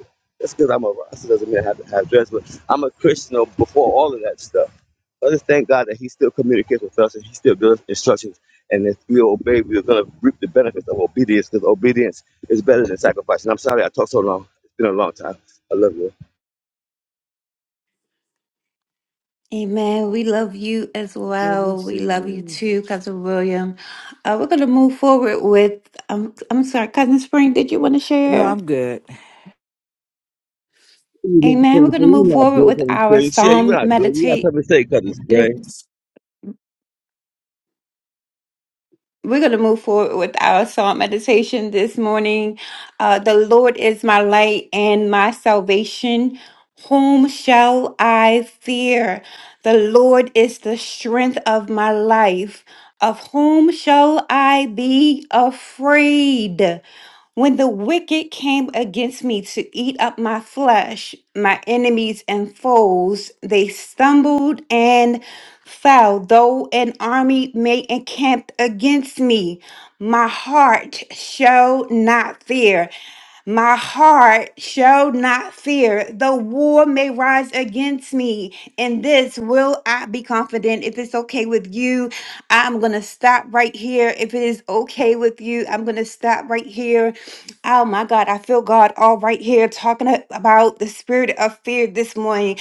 just because I'm a roster doesn't mean I have to have dress, but I'm a Christian before all of that stuff. So I just thank God that He still communicates with us and He still gives us instructions. And if we obey, we're going to reap the benefits of obedience because obedience is better than sacrifice. And I'm sorry I talked so long. It's been a long time. I love you.
Amen. We love you as
Love you,
well.
see
We love you too, Cousin William. Uh, we're going to move forward with, um, I'm sorry, Cousin Spring, did you want to
No,
share?
I'm good.
You not
Amen. We're
cousin
going to
Spring. You
move
not
forward
good,
with
cousin
our
Spring. See, you
Psalm
not good. You got
meditate.
something to say, cousin Spring.
We're going to move forward with our psalm meditation this morning. Uh, the Lord is my light and my salvation. Whom shall I fear? The Lord is the strength of my life. Of whom shall I be afraid? When the wicked came against me to eat up my flesh, my enemies and foes, they stumbled and fell. Though an army may encamp against me, my heart shall not fear. My heart shall not fear. The war may rise against me. In this will I be confident. If it's okay with you, I'm going to stop right here. If it is okay with you, I'm going to stop right here. Oh my God, I feel God all right here talking a- about the spirit of fear this morning.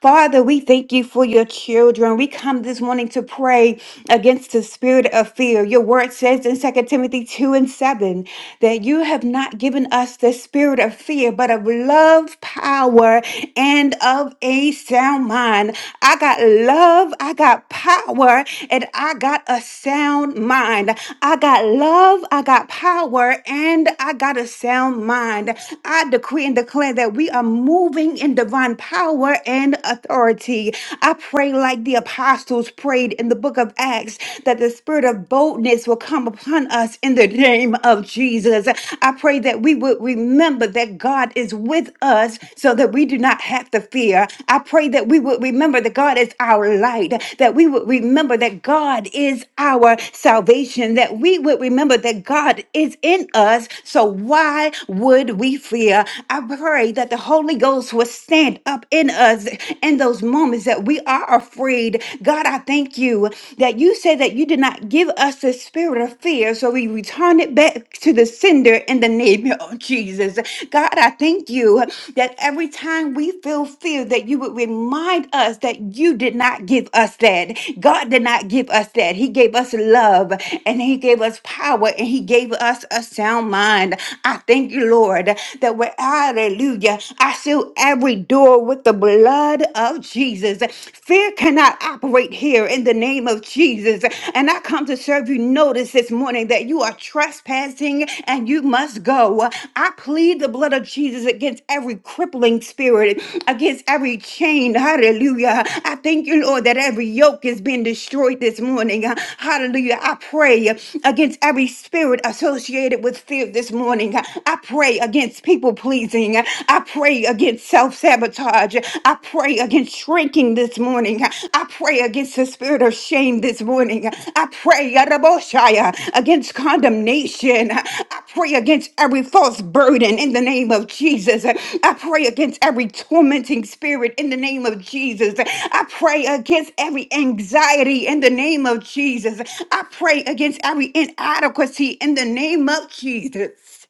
Father, we thank you for your children. We come this morning to pray against the spirit of fear. Your word says in Second Timothy 2 and 7 that you have not given us the spirit of fear, but of love, power, and of a sound mind. I got love, I got power, and I got a sound mind. I got love, I got power, and I got a sound mind. I decree and declare that we are moving in divine divine power and authority. I pray, like the apostles prayed in the book of Acts, that the spirit of boldness will come upon us in the name of Jesus. I pray that we would remember that God is with us so that we do not have to fear. I pray that we would remember that God is our light, that we would remember that God is our salvation, that we would remember that God is in us. So why would we fear? I pray that the Holy Holy Ghost will stand up in us in those moments that we are afraid. God, I thank you that you said that you did not give us the spirit of fear, so we return it back to the sender in the name of Jesus. God, I thank you that every time we feel fear, that you would remind us that you did not give us that. God did not give us that. He gave us love and He gave us power and He gave us a sound mind. I thank you, Lord, that where Hallelujah. I seal every door with the blood of Jesus. Fear cannot operate here in the name of Jesus. And I come to serve you notice this morning that you are trespassing and you must go. I plead the blood of Jesus against every crippling spirit, against every chain. Hallelujah. I thank you, Lord, that every yoke is being destroyed this morning. Hallelujah. I pray against every spirit associated with fear this morning. I pray against people pleasing. I pray against self sabotage. I pray against shrinking this morning. I pray against the spirit of shame this morning. I pray Yadaboshaya, against condemnation. I pray against every false burden in the name of Jesus. I pray against every tormenting spirit in the name of Jesus. I pray against every anxiety in the name of Jesus. I pray against every inadequacy in the name of Jesus.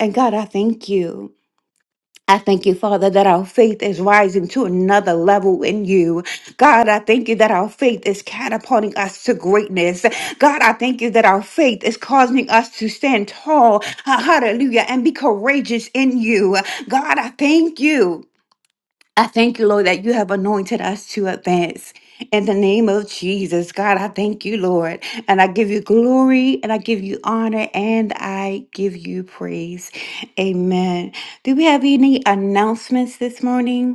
And God, I thank you. I thank you, Father, that our faith is rising to another level in you. God, I thank you that our faith is catapulting us to greatness. God, I thank you that our faith is causing us to stand tall. Ha- Hallelujah. And be courageous in you. God, I thank you. I thank you, Lord, that you have anointed us to advance. In the name of Jesus, God, I thank you, Lord. And I give you glory and I give you honor and I give you praise. Amen. Do we have any announcements this morning?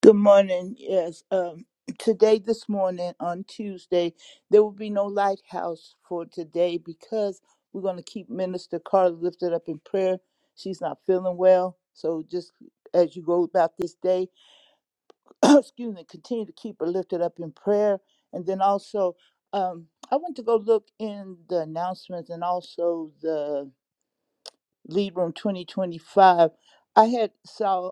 Good morning. Yes, um, today, this morning, on Tuesday, there will be no lighthouse for today because we're going to keep Minister Carla lifted up in prayer. She's not feeling well. So just as you go about this day, excuse me, continue to keep her lifted up in prayer. And then also, um, I went to go look in the announcements and also the Lead Room 2025. I had saw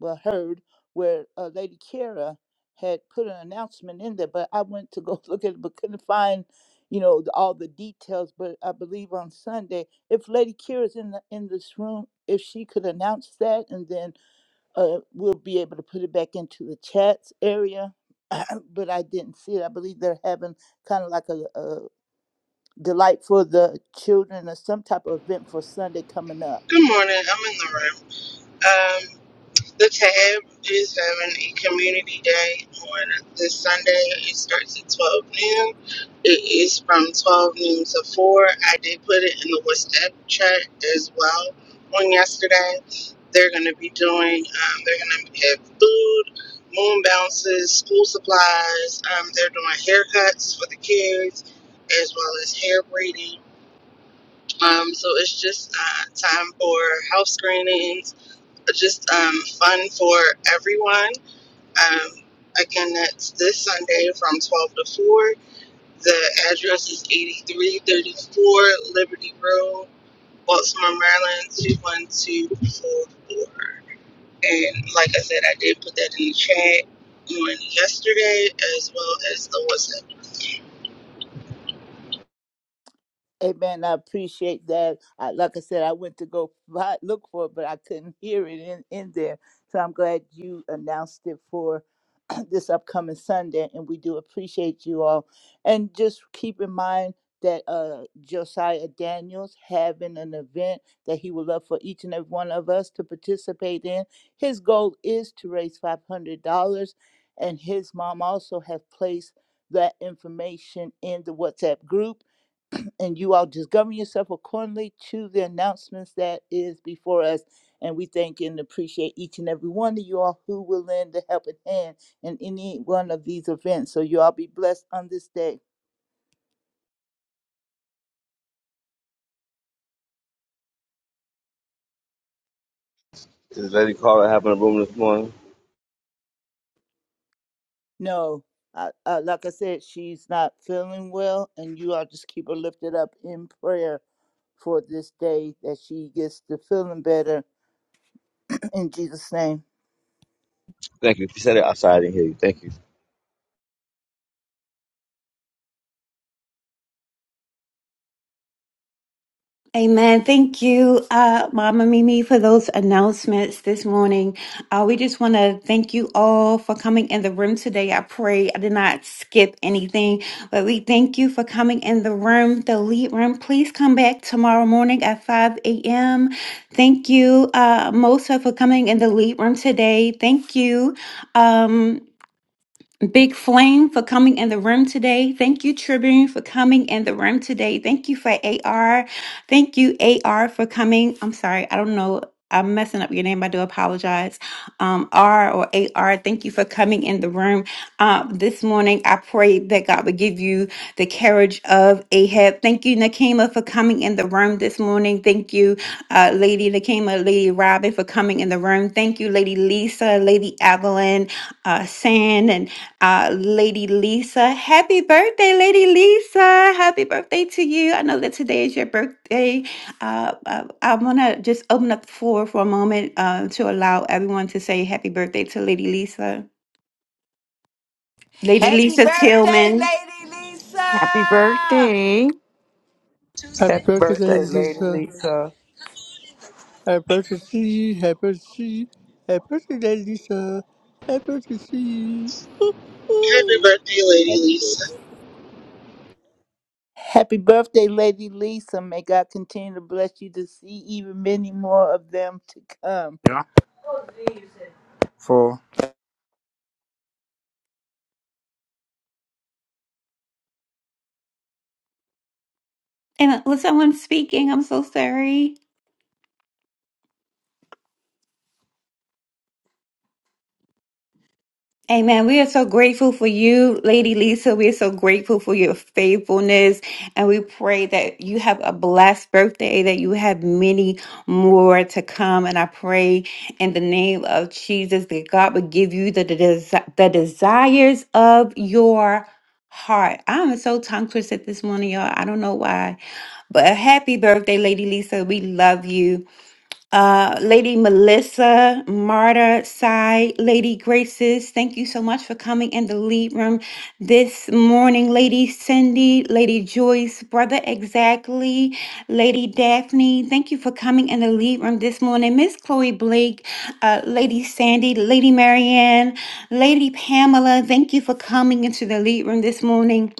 well heard where uh, Lady Kara had put an announcement in there, but I went to go look at it, but couldn't find, you know, the, all the details. But I believe on Sunday, if Lady Kira's in the in this room, if she could announce that, and then uh, we'll be able to put it back into the chats area. but I didn't see it. I believe they're having kind of like a, a delight for the children or some type of event for Sunday coming up.
Good morning. I'm in the room. Um, the tab is having a community day on this Sunday. It starts at 12 noon. It is from 12 noon to 4. I did put it in the WhatsApp chat as well on yesterday. They're going to be doing, um, they're going to have food, moon bounces, school supplies. Um, they're doing haircuts for the kids as well as hair braiding. Um, so it's just uh, time for house screenings just um, fun for everyone. Um, again, that's this Sunday from 12 to 4. The address is 8334 Liberty Road, Baltimore, Maryland, 21244. And like I said, I did put that in the chat on yesterday as well as the WhatsApp.
Amen. I appreciate that. I, like I said, I went to go fi- look for it, but I couldn't hear it in, in there. So I'm glad you announced it for this upcoming Sunday, and we do appreciate you all. And just keep in mind that uh, Josiah Daniels having an event that he would love for each and every one of us to participate in. His goal is to raise five hundred dollars, and his mom also has placed that information in the WhatsApp group and you all just govern yourself accordingly to the announcements that is before us. And we thank and appreciate each and every one of you all who will lend a helping hand in any one of these events. So you all be blessed on this day.
This lady called. I happened in the room this morning.
No, I, I, like I said, she's not feeling well, and you all just keep her lifted up in prayer for this day that she gets to feeling better in Jesus' name.
Thank you. She said it outside. I didn't hear you. Thank you.
Amen. Thank you, uh, Mama Mimi, for those announcements this morning. Uh, we just want to thank you all for coming in the room today. I pray I did not skip anything, but we thank you for coming in the room, the lead room. Please come back tomorrow morning at 5 a.m. Thank you, uh, Mosa, for coming in the lead room today. Thank you. Um, Big Flame for coming in the room today. Thank you, Tribune, for coming in the room today. Thank you for AR. Thank you, AR, for coming. I'm sorry, I don't know. I'm messing up your name. I do apologize. Um, R or AR, thank you for coming in the room uh, this morning. I pray that God would give you the carriage of Ahab. Thank you, Nakima, for coming in the room this morning. Thank you, uh, Lady Nakima, Lady Robin, for coming in the room. Thank you, Lady Lisa, Lady Evelyn, uh, San, and uh, Lady Lisa. Happy birthday, Lady Lisa. Happy birthday to you. I know that today is your birthday. Uh, I, I want to just open up the floor for a moment uh, to allow everyone to say happy birthday to Lady Lisa. Lady
Happy
Lisa
birthday,
Tillman.
Lady
Happy
Lisa!
birthday.
Happy
Happy
birthday,
birthday,
Lady
Lady
Lisa.
Lisa.
Happy birthday to see you. Happy birthday to see you. Happy birthday, Lisa. Happy birthday to see you. Ooh.
Happy birthday, Lady Lisa.
Happy birthday, Lady Lisa. May God continue to bless you to see even many more of them to come.
Yeah. for
And uh, was someone speaking? I'm so sorry. Amen. We are so grateful for you, Lady Lisa. We are so grateful for your faithfulness. And we pray that you have a blessed birthday, that you have many more to come. And I pray in the name of Jesus that God would give you the, the, the desires of your heart. I'm so tongue twisted this morning, y'all. I don't know why. But happy birthday, Lady Lisa. We love you uh, Lady Melissa, Marta, Sai, Lady Graces, thank you so much for coming in the lead room this morning. Lady Cindy, Lady Joyce, Brother Exactly, Lady Daphne, thank you for coming in the lead room this morning. Miss Chloe Blake, uh, Lady Sandy, Lady Marianne, Lady Pamela, thank you for coming into the lead room this morning.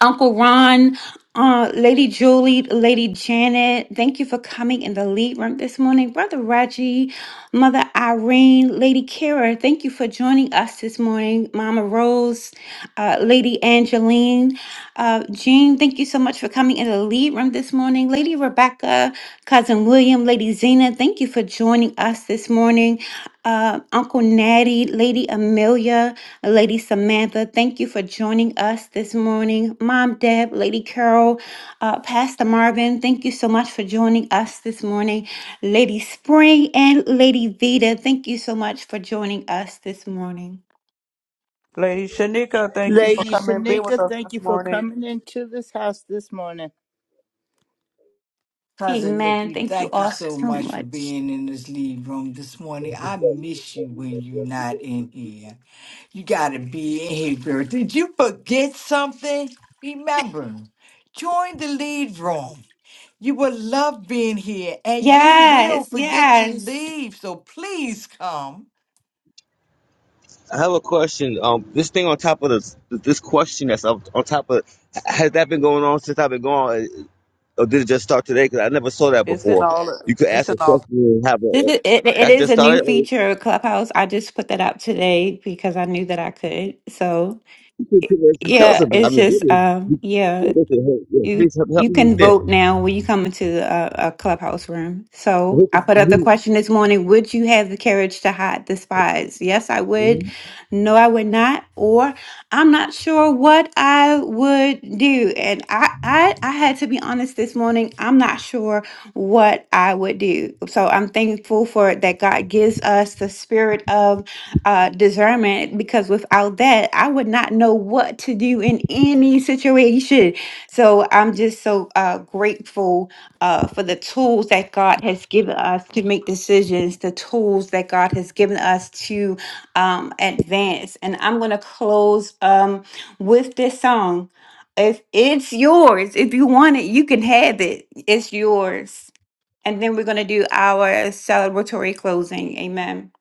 Uncle Ron, uh, Lady Julie, Lady Janet, thank you for coming in the lead room this morning. Brother Reggie, Mother Irene, Lady Kara, thank you for joining us this morning. Mama Rose, uh, Lady Angeline, uh, Jean. And Thank you so much for coming in the lead room this morning. Lady Rebecca, Cousin William, Lady Zena, thank you for joining us this morning. Uh, Uncle Natty, Lady Amelia, Lady Samantha, thank you for joining us this morning. Mom Deb, Lady Carol, uh, Pastor Marvin, thank you so much for joining us this morning. Lady Spring and Lady Vita, thank you so much for joining us this morning.
Lady Shanika, thank you for
Lady
coming and being
Shanika,
with us
thank you
this
for
morning.
coming into this house this morning.
Cousin
Amen.
Nikki,
Thank you
thank you
all
so
so
much for
much.
being in this lead room this morning. I miss you when you're not in here. You gotta be in here, girl. Did you forget something? Remember, join the lead room. You will love being here and you
Yes,
will forget to
yes.
leave. So please come.
I have a question. Um, this thing on top of this, this question that's up on top of, has that been going on since I've been gone, or did it just start today? Because I never saw that
It's in
before.
all
You could
it's
ask
in
a question
all
and have
This
a.
is, it, it
That
is
just
a new
started. Or
feature of Clubhouse. I just put that out today because I knew that I could. So
you could tell us tell us
yeah,
about. it. I
it's
mean,
just
goodness,
um
you-
yeah.
listen, hey, yeah,
You
please help, help
you
me
can vote now when you come into the uh, uh, clubhouse room. So I put up the question this morning: Would you have the courage to hide the spies? Yes, I would. No, I would not. Or I'm not sure what I would do. And I I, I had to be honest this morning. I'm not sure what I would do. So I'm thankful for it that God gives us the spirit of uh, discernment because without that, I would not know what to do in any situation so I'm just so uh, grateful uh, for the tools that God has given us to make decisions, the tools that God has given us to um, advance. And I'm going to close um, with this song. If it's yours, if you want it, you can have it. It's yours. And then we're going to do our celebratory closing. Amen.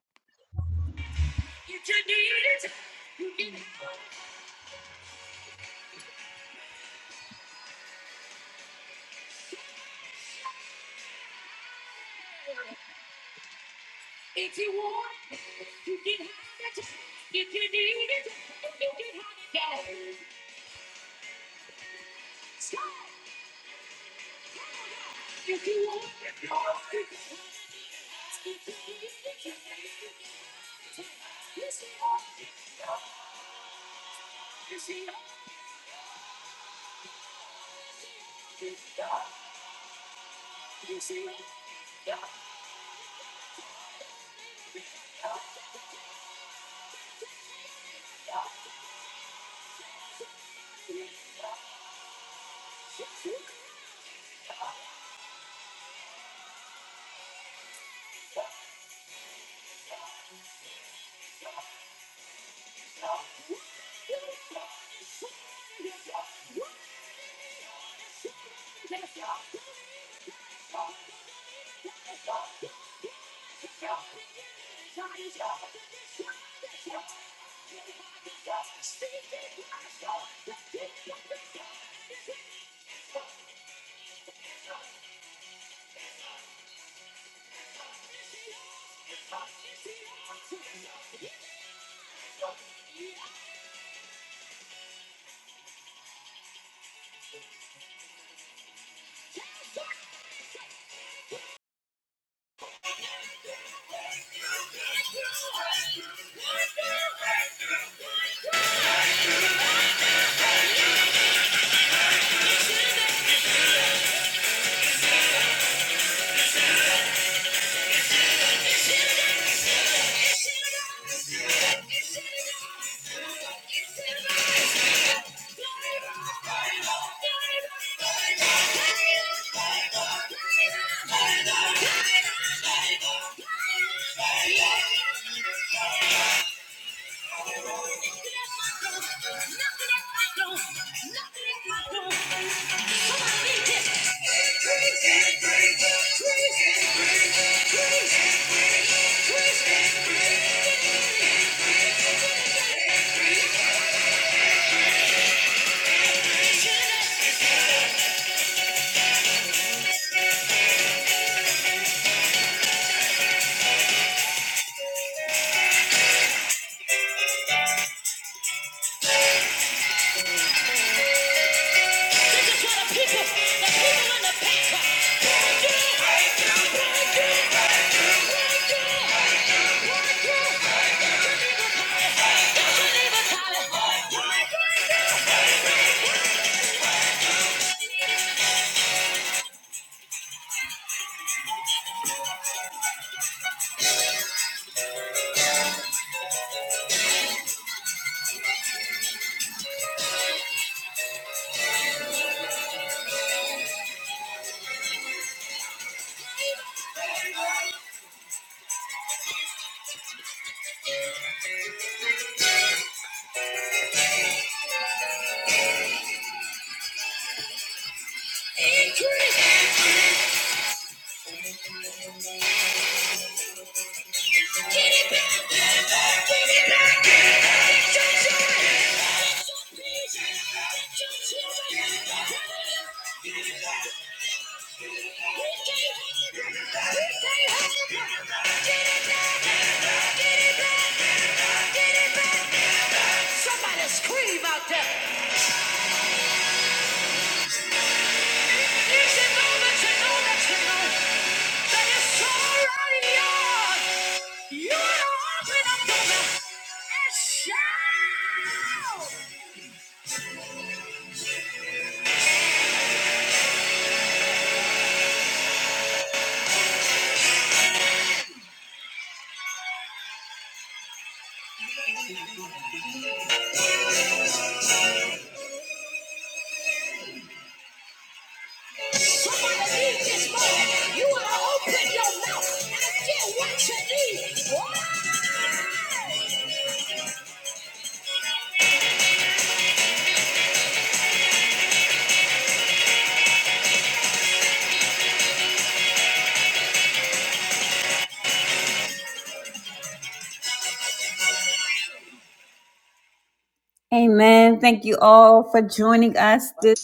Amen. Thank you all for joining us this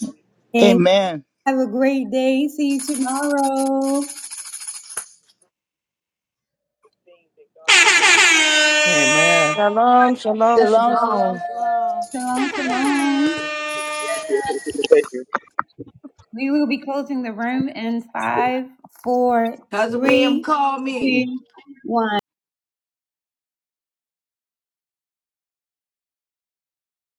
evening.
Amen.
Have a great day. See you tomorrow.
amen.
Shalom, shalom,
Shalom, shalom,
shalom.
shalom.
Shalom, shalom.
understand.
We will be closing the room in five, four,
Cousin William,
three,
call me.
two, one.